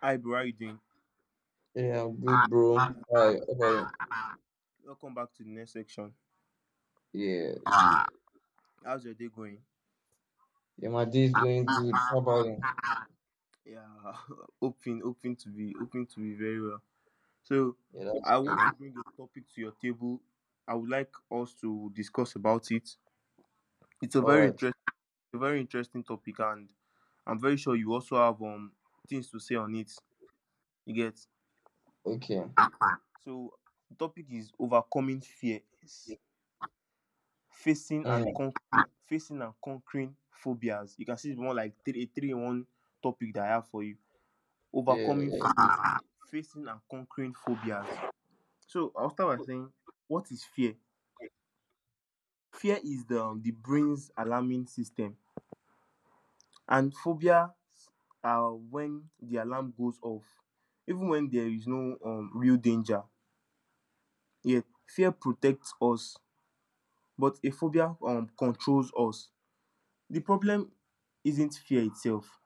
Hi, bro. How you doing? Yeah, I'm good, bro. Hi, how about you? Welcome back to the next section. Yeah, How's your day going? yeah, my day is going good. How about you? Yeah, hoping to be very well. So, Yeah, that's I want good. to bring a topic to your table. I would like us to discuss about it. It's All right, a very interesting topic, and I'm very sure you also have things to say on it. You get? okay. So, the topic is overcoming fears, Mm, facing and conquering phobias. You can see it's more like three in one topic that I have for you: yeah, overcoming yeah, fears, facing and conquering phobias. So I'll start by saying, what is fear? Fear is the brain's alarming system, and phobia are when the alarm goes off even when there is no real danger. Yet fear protects us, but a phobia controls us. The problem isn't fear itself,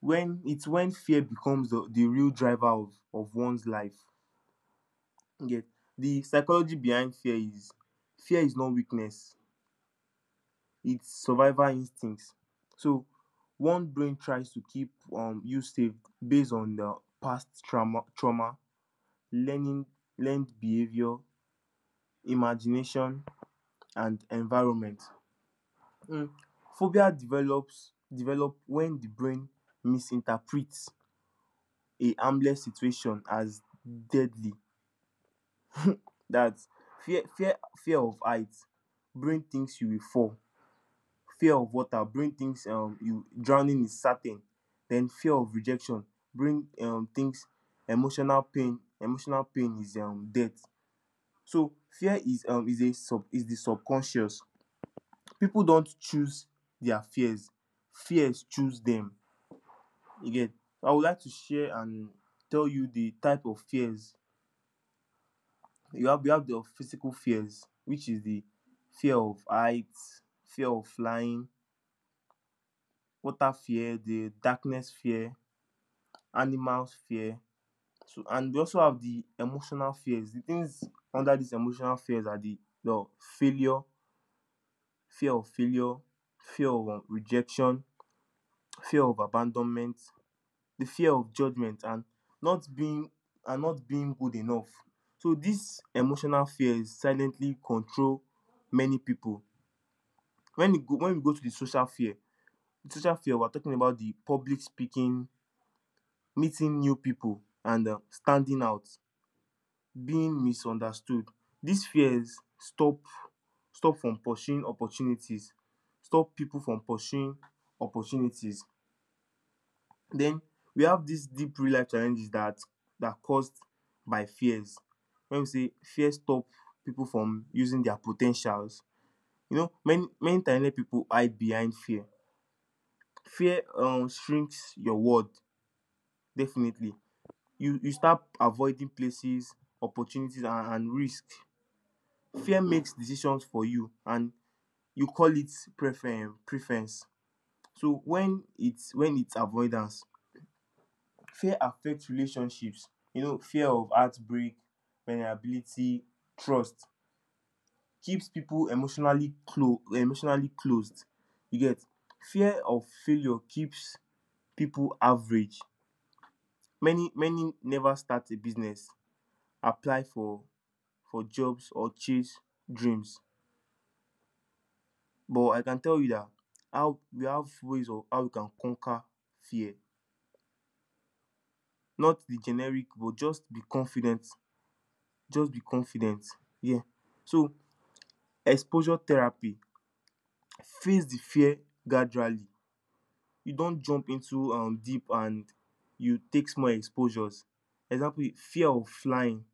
when fear becomes the real driver of one's life. You, the psychology behind fear is, fear is not weakness, it's survival instincts. So one brain tries to keep you safe based on the past trauma, learning learned behavior, imagination and environment. Mm. Phobia develops develop when the brain misinterprets a harmless situation as deadly. That fear fear fear of height, brain thinks you will fall. Fear of water, brain thinks you drowning is certain. Then fear of rejection, brain thinks emotional pain is death. So fear is a sub is the subconscious. People don't choose their fears, fears choose them. Again, I would like to share and tell you the type of fears. You have you have the physical fears, which is the fear of height, fear of flying, water fear, the darkness fear, animals fear. So, and we also have the emotional fears. The things under this emotional fears are the failure fear of failure, fear of rejection, fear of abandonment, the fear of judgement, not being and not being good enough. So this emotional fears silently control many people. When we go to the social fear, the social fear, we're talking about the public speaking, meeting new people, and standing out, being misunderstood. These fears stop from pursuing opportunities, stop people from pursuing opportunities. Then we have these deep real life challenges that caused by fears. When we say fear stop people from using their potentials, you know, many times people hide behind fear. Fear shrinks your world definitely. You start avoiding places, opportunities, and risk. Fear makes decisions for you, and you call it preference. When it's avoidance, fear affect relationships. You know, fear of heartbreak, vulnerability, trust keeps people emotionally closed. You get? Fear of failure keeps people average. Many never start a business, apply for jobs, or chase dreams. But I can tell you that how we have ways of how we can conquer fear. Not the generic, but just be confident, just be confident. Yeah. So, exposure therapy, face the fear gradually. You don't jump into deep, and you take small exposures. Example, fear of flying.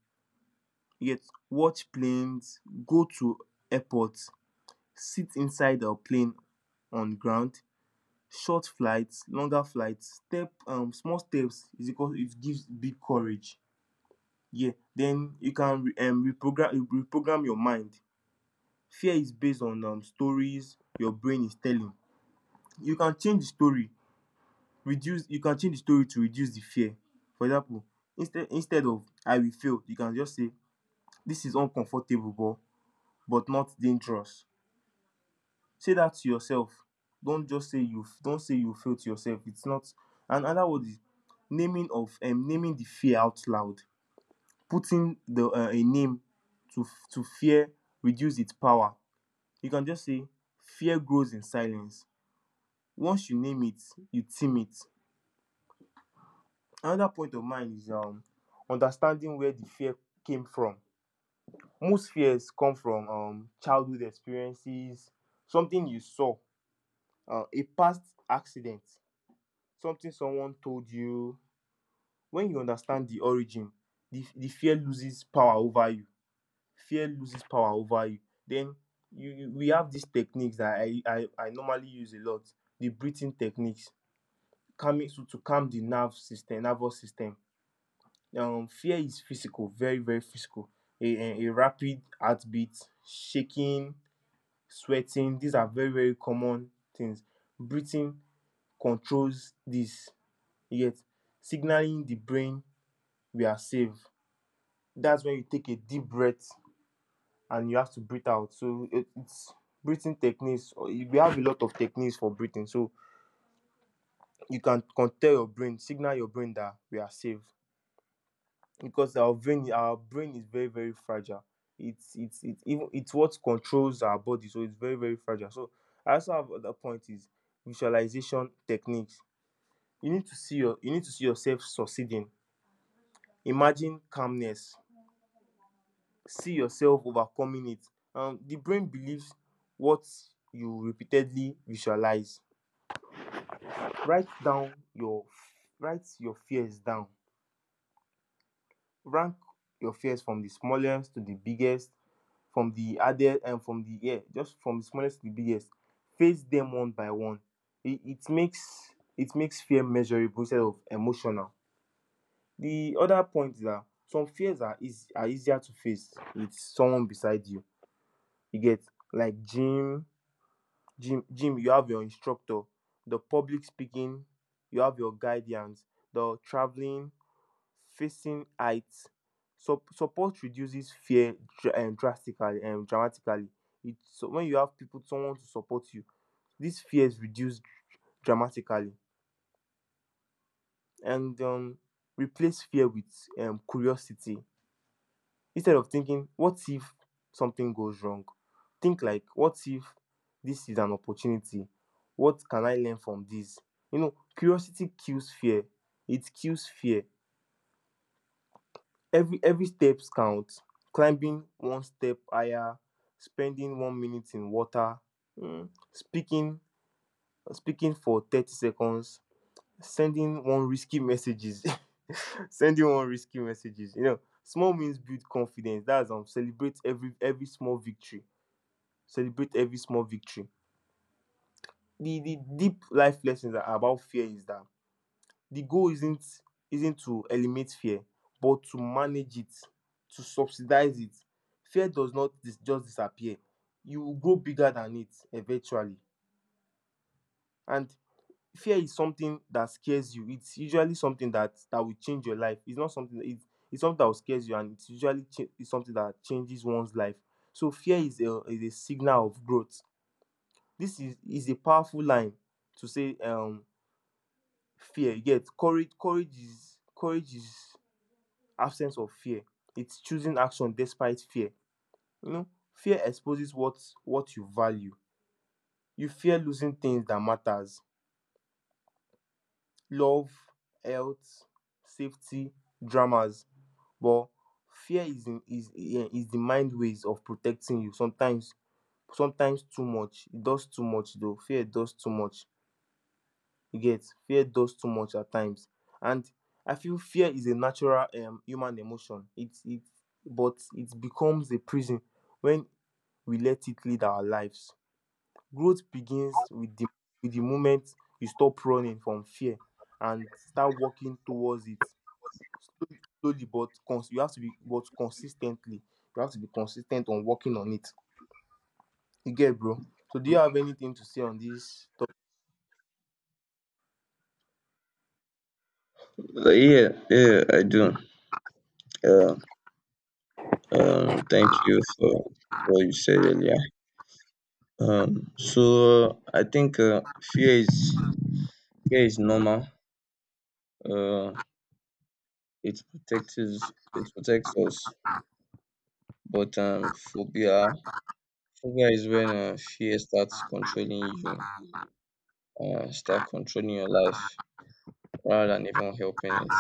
You get, watch planes, go to airports, sit inside plane on ground, short flight, longer flight, step small steps is equal, it gives big courage. Yeah, den you can reprogram your mind. Fear is based on stories your brain is telling. You can change the story, reduce you can change the story to reduce the fear. For example, instead of I will fail, you can just say, dis is uncomfortable but not dangerous. Say that to yourself. Don't just say, you don't say you fail, to yourself. It's not. And another word is naming the fear out loud. Putting the a name to to fear reduce its power. You can just say, fear grows in silence. Once you name it, you tame it. Another point of mine is understanding where the fear came from. Most fears come from childhood experiences, something you saw, a past accident, something someone told you. When you understand the origin, the fear loses power over you, fear loses power over you. Then you, we have these techniques that I normally use a lot: the breathing techniques, calming, so to calm the nerve system nervous system. Fear is physical, very very physical. a, a rapid heartbeat, shaking, sweating, these are very very common things. Breathing controls this, yet signaling the brain we are safe. That's when you take a deep breath and you have to breathe out. So it's breathing techniques. We have a lot of techniques for breathing. So you can tell your brain, signal your brain that we are safe, because our brain is very very fragile. It's what controls our body, so it's very very fragile. So I also have other point is visualization techniques. You need to see your you need to see yourself succeeding. Imagine calmness, see yourself overcoming it. The brain believes what you repeatedly visualize. Write down your, write your fears down. Rank your fears from the smallest to the biggest, from the hardest, and from the, yeah, just from the smallest to the biggest. Face them one by one. It makes fear measurable instead of emotional. The other point is that some fears are eas are easier to face with someone beside you. You get? Like gym. Gym, you have your instructor. The public speaking, you have your guidance. The traveling, facing heights. Support reduces fear drastically and dramatically. It so when you have people, someone to support you, these fears reduce dramatically. And replace fear with curiosity. Instead of thinking what if something goes wrong, think like, what if this is an opportunity? What can I learn from this? You know, curiosity kills fear, it kills fear. Every steps count. Climbing one step higher, spending 1 minute in water, mm, speaking speaking for 30 seconds, sending one risky messages. Sending one risky messages, you know, small wins build confidence. That's celebrate every small victory. Celebrate every small victory. The deep life lessons are about fear is that the goal isn't to eliminate fear, but to manage it, to subsidize it. Fear does not just disappear. You will grow bigger than it eventually. And fear is something that scares you. It's usually something that will change your life. It's not something that it's something that will scares you, and it's usually it's something that changes one's life. So fear is a signal of growth. This is a powerful line to say, fear. You, courage is absence of fear. It's choosing action despite fear. You know, fear exposes what you value. You fear losing things that matters: love, health, safety, dramas. But fear is is, is the mind ways of protecting you. Sometimes, too much. It does too much though. Fear does too much. You get, fear does too much at times. And I feel fear is a natural human emotion. It's it But it becomes a prison when we let it lead our lives. Growth begins with the moment you stop running from fear and start walking towards it slowly but you have to be but consistently. You have to be consistent on working on it. You get, bro? So do you have anything to say on this yeah, yeah, I do. Uh, thank you for what you said earlier. I think fear is normal. Uh, it protects us, but phobia is when fear starts controlling you, start controlling your life rather than even helping it.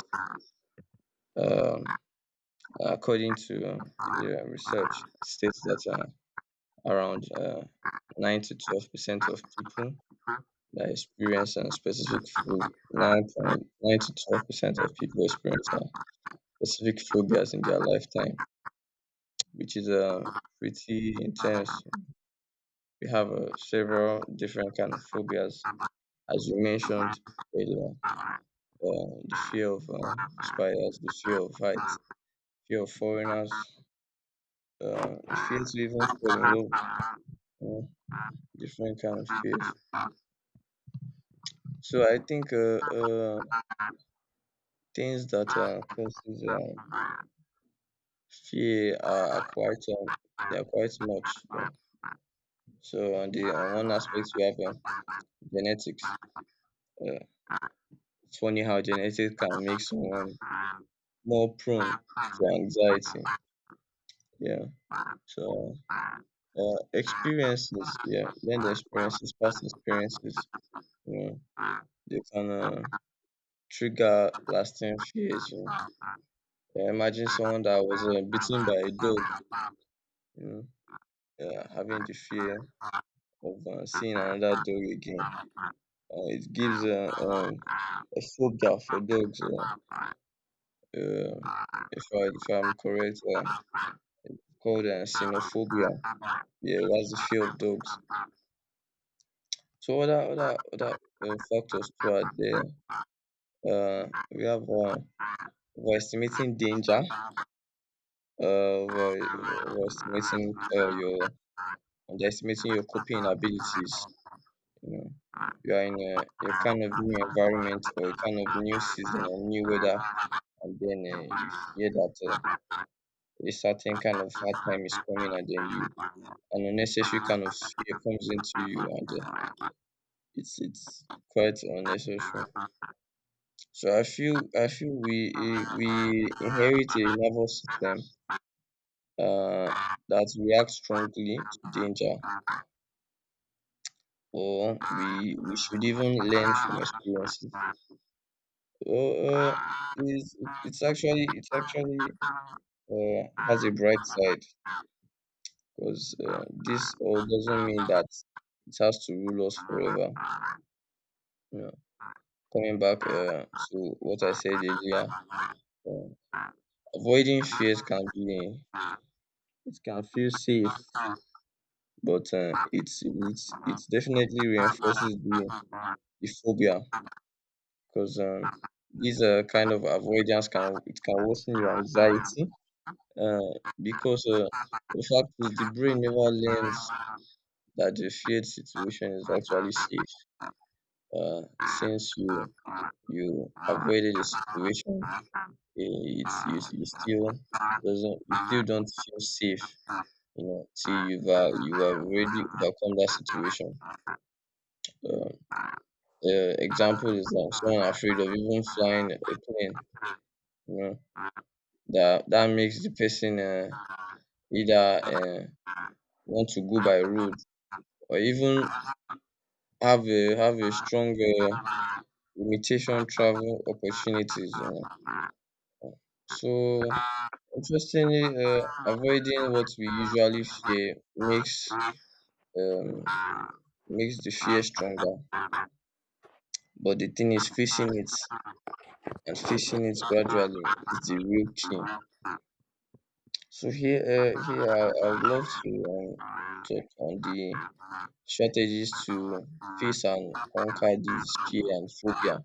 Um, according to yeah, research, it states that around 9 to 12% of people that experience a specific phobia, 9.9 to 12% of people experience specific phobias in their lifetime, which is pretty intense. We have several different kind of phobias, as you mentioned earlier. topic? The fear of spiders, the fear of heights, fear of foreigners, fears Thank we even fall in love, uh, different kind of fears. So I think things that causes fear are quite they are quite much. Though. So on the on one aspect we have genetics. Uh, it's funny how genetics can make someone more prone to anxiety. Yeah. So experiences, yeah, learned experiences, past experiences, you know, they can trigger lasting fears. Yeah, imagine someone that was bitten by a dog, you having the fear of seeing another dog again. It gives a phobia for dogs. Uh, if I'm correct, called xenophobia. Yeah, that's the fear of dogs. So other factors too are there. Uh, we have overestimating danger. you. Over, Thank overestimating your underestimating your coping abilities. You know you are in a kind of new environment, or a kind of new season or new weather, and then you hear that a certain kind of hard time is coming, and then you an unnecessary kind of fear comes into you, and it's quite unnecessary. So I feel we we inherit a nervous system uh, that reacts strongly to danger, or we should even learn from experiences. So, is it- it's actually has a bright side because this all doesn't mean that it has to rule us forever. You know, coming back to what I said earlier, uh, avoiding fears can be, it can feel safe, but it's it's you. it definitely Heeh, reinforces the, heeh, heeh. the phobia because these kind of avoidance can Betul, worsen your heeh. anxiety, because Betul, the fact is the brain never learns heeh. that the feared situation is Betul, actually heeh. safe. uh, Heeh, since you heeh. you avoided the situation, it's you still Betul, doesn't you still heeh. don't feel safe, you know, till you have already overcome that situation. Um, example is that someone afraid of even flying a plane, you know, that makes the person either want to go by road, or even have a strong limitation travel opportunities, know. So, interestingly, avoiding what we usually fear um, makes the fear stronger. But the thing is, facing it, and facing it gradually, is the real Heeh, key. heeh. So here, I would love Thank to talk on the strategies to face and conquer this fear and phobia.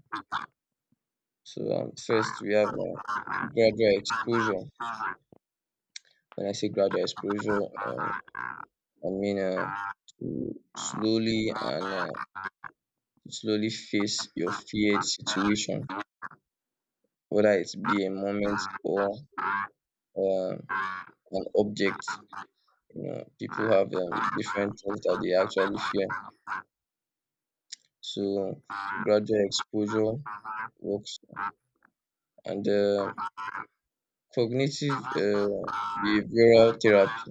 So first, we have gradual exposure. When I say gradual exposure, I mean to slowly face your feared situation, whether it be a moment or um, an object. You know, people have different things that they actually fear. So gradual exposure works, and cognitive behavioral therapy.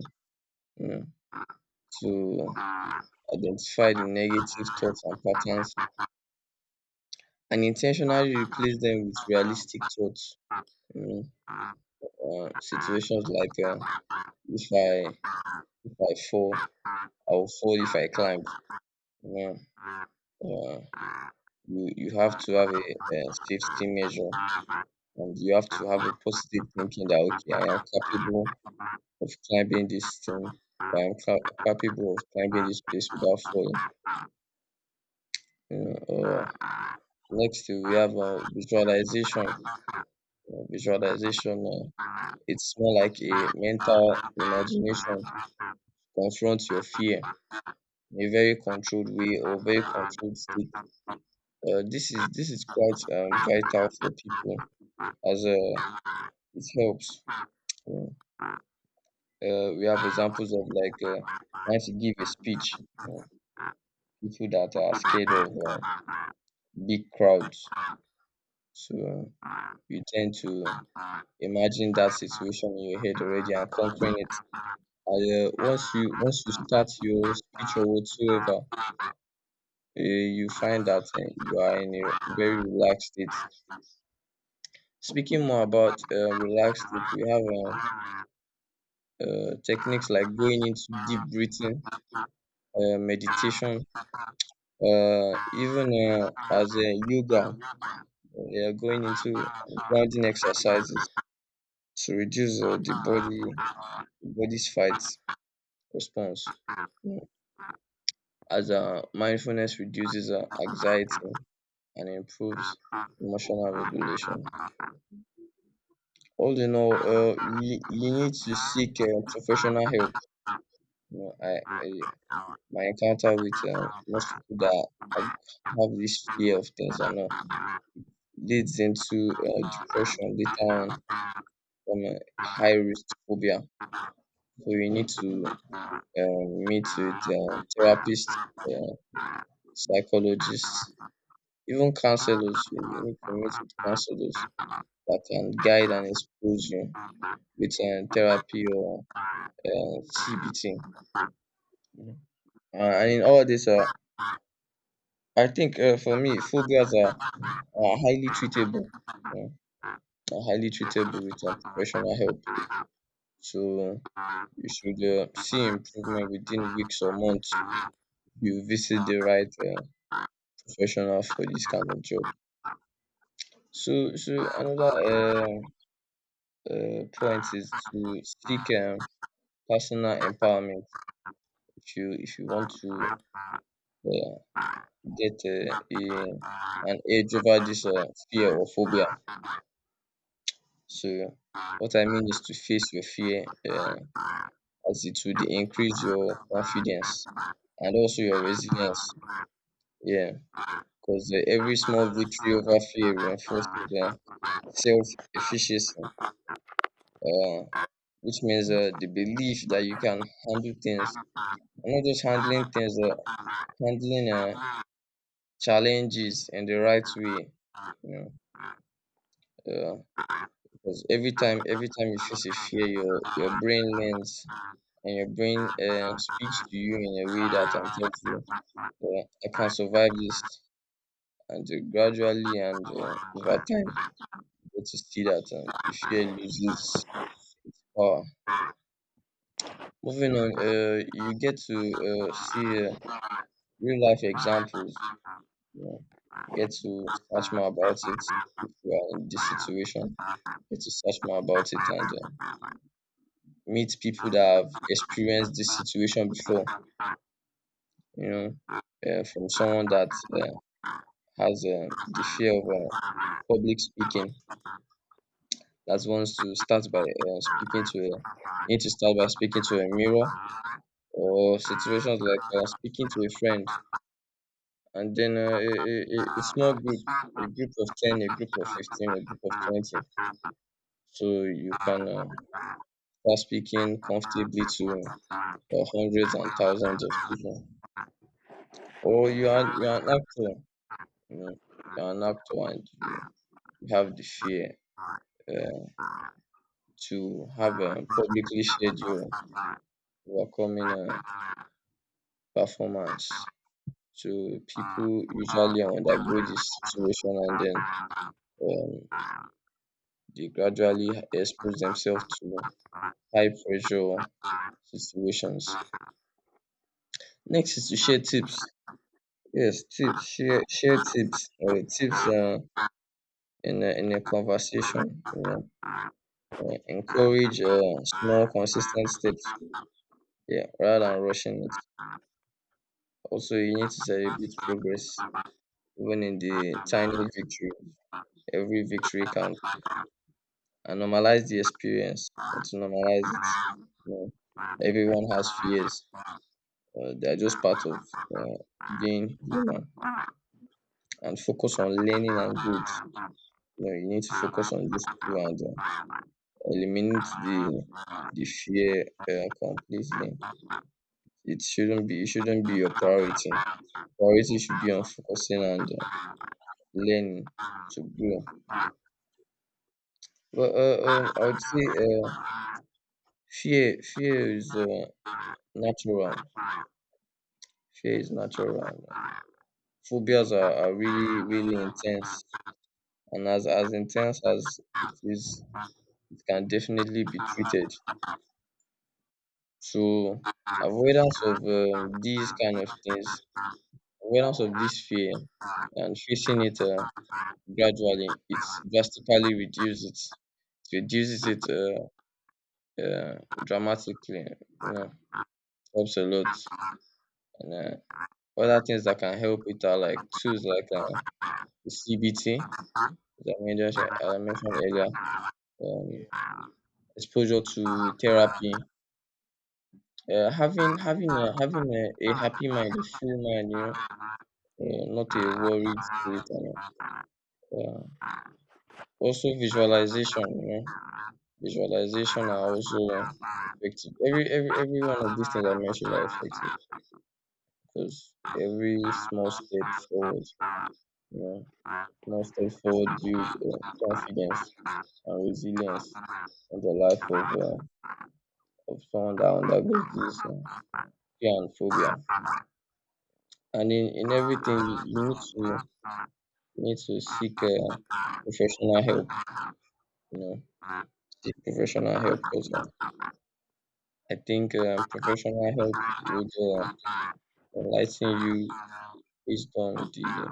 You know, to identify the negative thoughts and patterns and intentionally replace them with realistic thoughts. You know, situations like if I if I fall, I'll fall if I climb. Yeah, yeah. You have to have a safety measure, and you have to you. have a positive thinking that, okay, I am capable of climbing this thing. I am capable of climbing this place without falling. You know, next we have visualization. Visualization. It's more like a mental imagination. Confront your fear in a very controlled way, or very controlled state. This is quite vital for people, as it helps. You we have examples of, like, once to give a speech, you people that are scared of big crowds. So you tend to Thank imagine that situation in your head already and conquering it. And once you start your speech or whatsoever, you find that you are in a very relaxed state. Speaking more about relaxed state, we have techniques like going into deep breathing, meditation, even as a yoga, going into grounding exercises to reduce the body's fight response. you. Thank Yeah. As mindfulness reduces anxiety and improves emotional regulation. All in all, you need to seek professional help. You know, I my encounter with most people that have have this fear of things or not, leads into depression later on from a high risk phobia. So you need to meet with therapists, uh, psychologists, even counselors. You need to meet with counselors that can guide and expose you with therapy or CBT. You know? And in all this, I think for me, phobias are highly treatable. Are highly treatable with professional help. So you should see improvement within weeks or months if you visit the right professional for this kind of job. So, another point is to seek personal empowerment. If you want to uh, you. get a an edge over this fear or phobia, so what I mean is to face your fear, as it would increase your confidence, and also your resilience. Yeah, because every small victory over fear reinforces self efficacy, uh, which means the belief that you can handle things, and not just handling things, handling challenges in the right way. You know, because every time you face a fear, your brain learns, and your brain speaks to you in a way that tells you, I can survive this, and gradually and over time. But to see that the fear loses power. Moving on, you get to see real life examples. You know, you get to search more about it if you are in this situation. You get to search more about it, and meet people that have experienced this situation before. You know, from someone that has Thank the you. fear of Thank public speaking, that wants to start by need to start by speaking to a mirror, or situations like speaking to a friend, and then a small group, a group of 10, a group of 15, a group of 20, so you can start speaking comfortably to hundreds and thousands of people. Or you are an actor. You know, you're an actor and you have the fear, uh, to have publicly shared your coming performance. So people usually undergo this situation, and then um. they gradually expose themselves to high pressure situations. Next is to share tips. Yes, tips, share tips, tips in a conversation. You know, encourage small consistent steps. Yeah, rather than rushing it. Also, you need to celebrate progress, even in the tiny victory. Every victory counts, and normalize the experience. You need you. to normalize it. You know, everyone has fears. They are just part of uh, being human, and focus on learning and growth. You know, you need to focus on those two and eliminate the fear completely. It shouldn't be your priority. Priority should be on focusing and learning to grow. But I would say fear is natural. Fear is natural. Phobias are really really intense, and as intense as it is, it can definitely be treated. So avoidance of these kind of things, avoidance of this fear, and facing it gradually, it's drastically reduces it. It reduces it uh, dramatically. You know, helps a lot. And other things that can help it are, like, tools like CBT, as I mentioned, earlier. Um, exposure to therapy, having a Yeah. happy mind, a full mind, you know. Yeah. Yeah, not a worried spirit and all. Yeah. Also visualization, you know. Visualization are also effective. Every one of these things I mentioned are effective, because every small step forward, you know, small step forward builds confidence and resilience in the life of of someone that undergoes this fear and phobia. And in everything you need to seek professional help, you know, seek professional help, because I think professional help would enlighten you, based on the,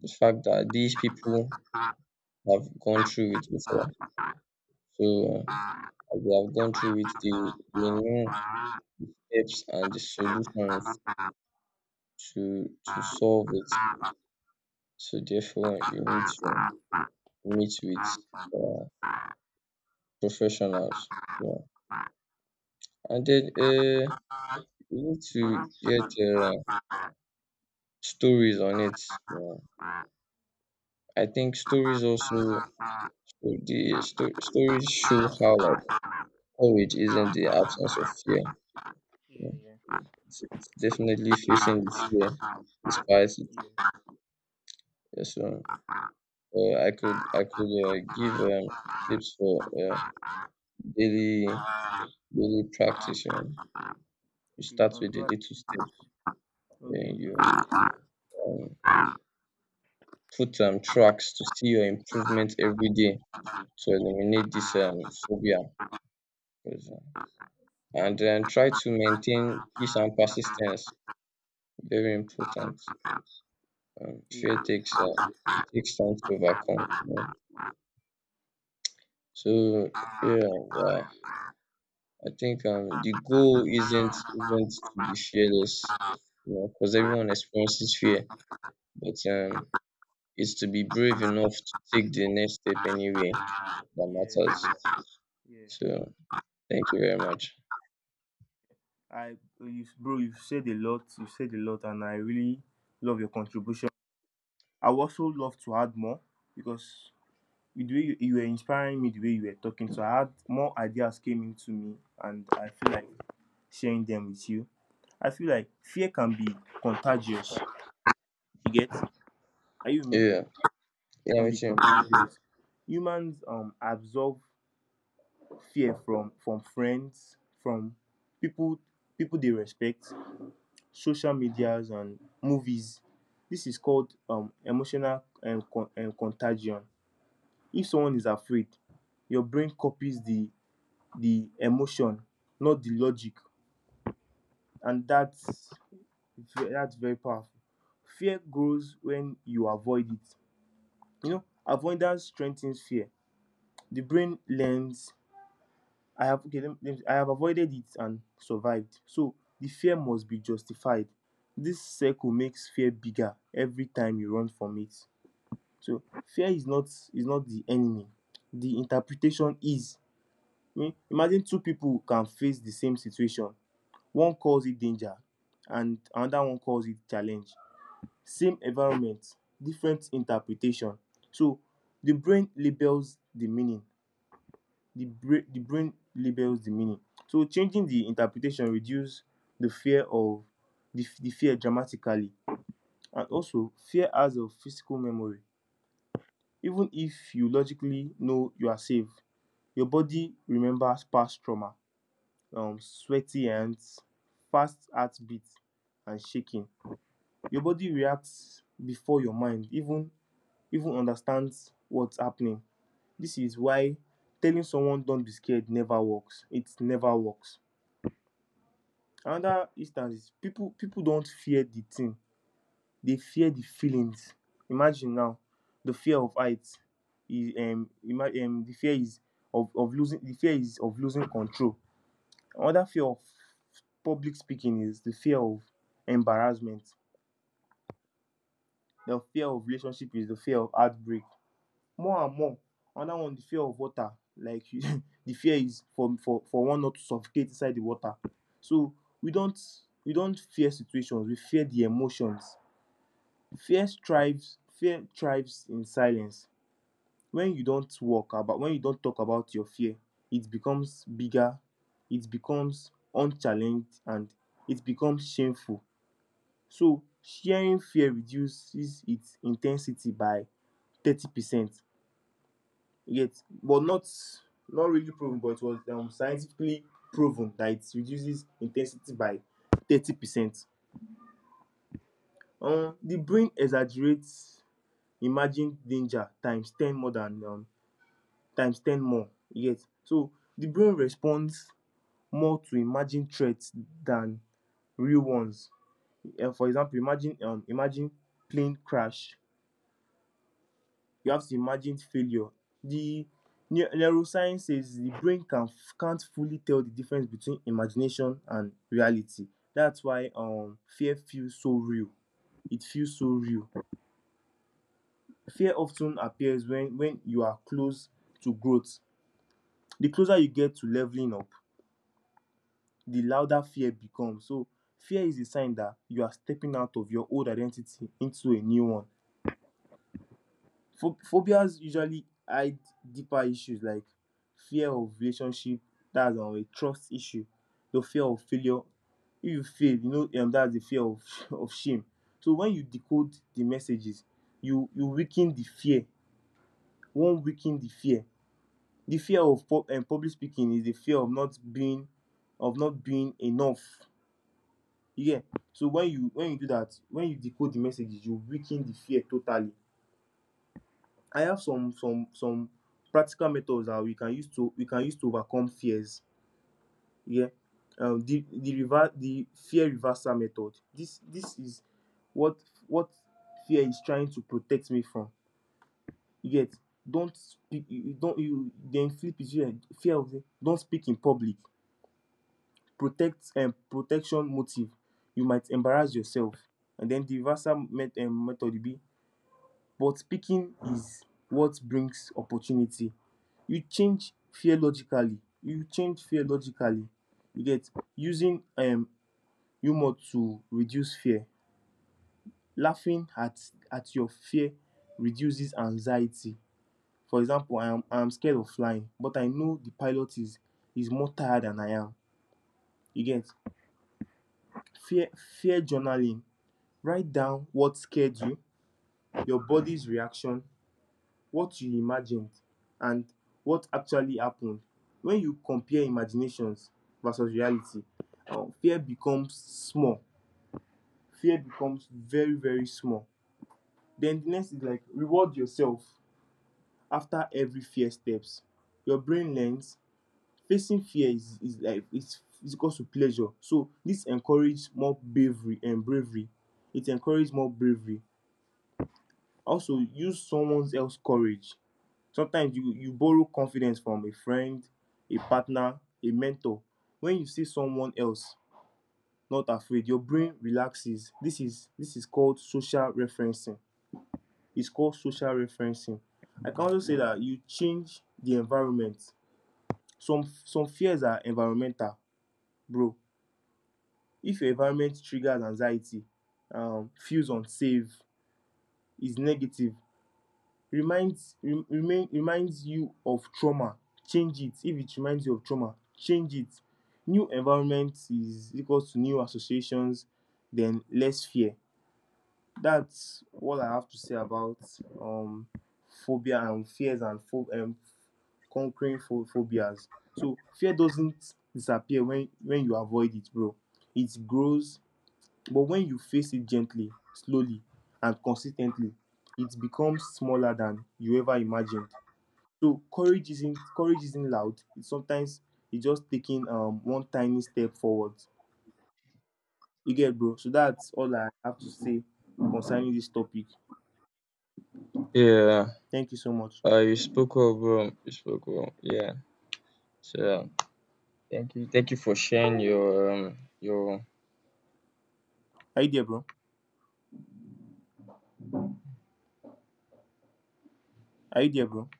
the fact that these people have gone through it before. So, as they have gone through it, they know the steps and the solutions to to solve it. So, therefore, you need to meet with uh, professionals. Yeah. And then you need to get stories on it. Yeah. I think stories also. So the stories show how, like, courage isn't the absence of fear. You Iya, know. iya. It's definitely facing the fear despite it. Yeah. So I could give tips for daily daily practice. You, know. You Oke, start tahun with the dua. little steps. Then Oke. you um, put tracks to see your improvement every day, to eliminate this phobia. 'Cause, uh, And then try to maintain peace and persistence. Very important. Um, Iya. fear takes, Iya. it takes time to overcome. You know? So yeah, yeah, I think the goal isn't to be fearless, you know, because everyone experiences fear, but Iya. it's to be brave enough to take the next step anyway that Yes. matters. Yeah, So thank you very much. I, you, bro, you've said a lot. You said a lot, and I really love your contribution. I would also love to add more, because with the way you, you were inspiring me, the way you were talking, so I had more ideas came into me, and I feel like sharing them with you. I feel like fear can be contagious. You get? Are you with me? Yeah, yeah, Can me be too. contagious. Humans absorb fear from friends, from people people they respect, social medias and movies. This is called emotional and contagion. If someone is afraid, your brain copies the emotion, not the logic, and that's that's very powerful. Fear grows when you avoid it. You know, avoidance strengthens fear. The brain learns, I have, okay, I have avoided it and survived. So the fear must be justified. This circle makes fear bigger every time you run from it. So fear is not the enemy. The interpretation is. I mean, imagine two people can face the same situation. One calls it danger and another one calls it challenge. Same environment, different interpretation. So the brain labels the meaning the brain labels the meaning, so changing the interpretation reduces the fear of the fear dramatically. And also, fear has a physical memory. Even if you logically know you are safe, your body remembers past trauma, sweaty hands, fast heartbeat and shaking. Your body reacts before your mind even understands what's happening. This is why telling someone don't be scared never works, it never works. Another instance is people don't fear the thing, they fear the feelings. Imagine now the fear of heights. The fear is of losing, the fear is of losing control. Another fear of public speaking is the fear of embarrassment. The fear of relationship is the fear of heartbreak, more and more. Another one, the fear of water. Like the fear is for one not to suffocate inside the water. So we don't we don't fear situations, we fear the emotions. Fear thrives in silence. When you don't talk about your fear, it becomes bigger, it becomes unchallenged and it becomes shameful. So sharing fear reduces its intensity by 30%. Yet, but not, not really proven, but it was scientifically proven that it reduces intensity by 30%. The brain exaggerates imagined danger 10 times more than 10 times more. Yes, so the brain responds more to imagined threats than real ones. For example, imagine plane crash, you have to imagine failure. The neuroscience says the brain can't fully tell the difference between imagination and reality. That's why fear feels so real. It feels so real. Fear often appears when you are close to growth. The closer you get to leveling up, the louder fear becomes. So fear is a sign that you are stepping out of your old identity into a new one. Phobias usually hide deeper issues, like fear of relationship, dats a trust issue, your fear of failure, if you fail, you know, dats de fear of of shame. So wen you decode de messages, you weaken de fear, wan weaken de fear. De fear of public speaking is de fear of not being enough, you get. So wen you decode de messages, you weaken de fear totally. I have some practical methods that we can use to overcome fears, yeah. The fear reversal method, this is what what fear is trying to protect me from, you get. Don't speak you you don't you Then flip it. You fear of say don't speak in public, protect, and protection motive, you might embarrass yourself. And then the reversal method will be, but picking is what brings opportunity. You change fear logically, you change fear logically, you get. Using humour to reduce fear. Laughing at your fear reduces anxiety. For example, I am scared of flying, but I know the pilot is more tired than I am, you get. Fear fear journaling, write down what scared you, your body's reaction, what you imagined and what actually happened. When you compare imaginations versus reality, fear becomes small, fear becomes very very small. Then the next is like reward yourself after every fear steps. Your brain learns facing fear is like it's equals to pleasure, so this encourages more bravery and bravery, it encourages more bravery. Also use someone else courage. Sometimes you borrow confidence from a friend, a partner, a mentor. When you see someone else not afraid, your brain relaxes. This is called social referencing. It's called social referencing. I can also say that you change the environment. Some fears are environmental, bro. If your environment triggers anxiety, feels unsafe, is negative, reminds re- remain reminds you of trauma, change it. If it reminds you of trauma, change it. New environment is equals to new associations, then less fear. That's what I have to say about um phobia and fears, and conquering phobias. So fear doesn't disappear when you avoid it, bro, it grows. But when you face it gently, slowly and consistently, it becomes smaller than you ever imagined. So courage isn't loud. It's sometimes it's just taking one tiny step forward. You get, bro. So that's all I have to say concerning this topic. Thank Yeah, you so much. You spoke well, bro. You spoke well. Yeah. So thank you for sharing your Are you there, bro? Are you there, bro?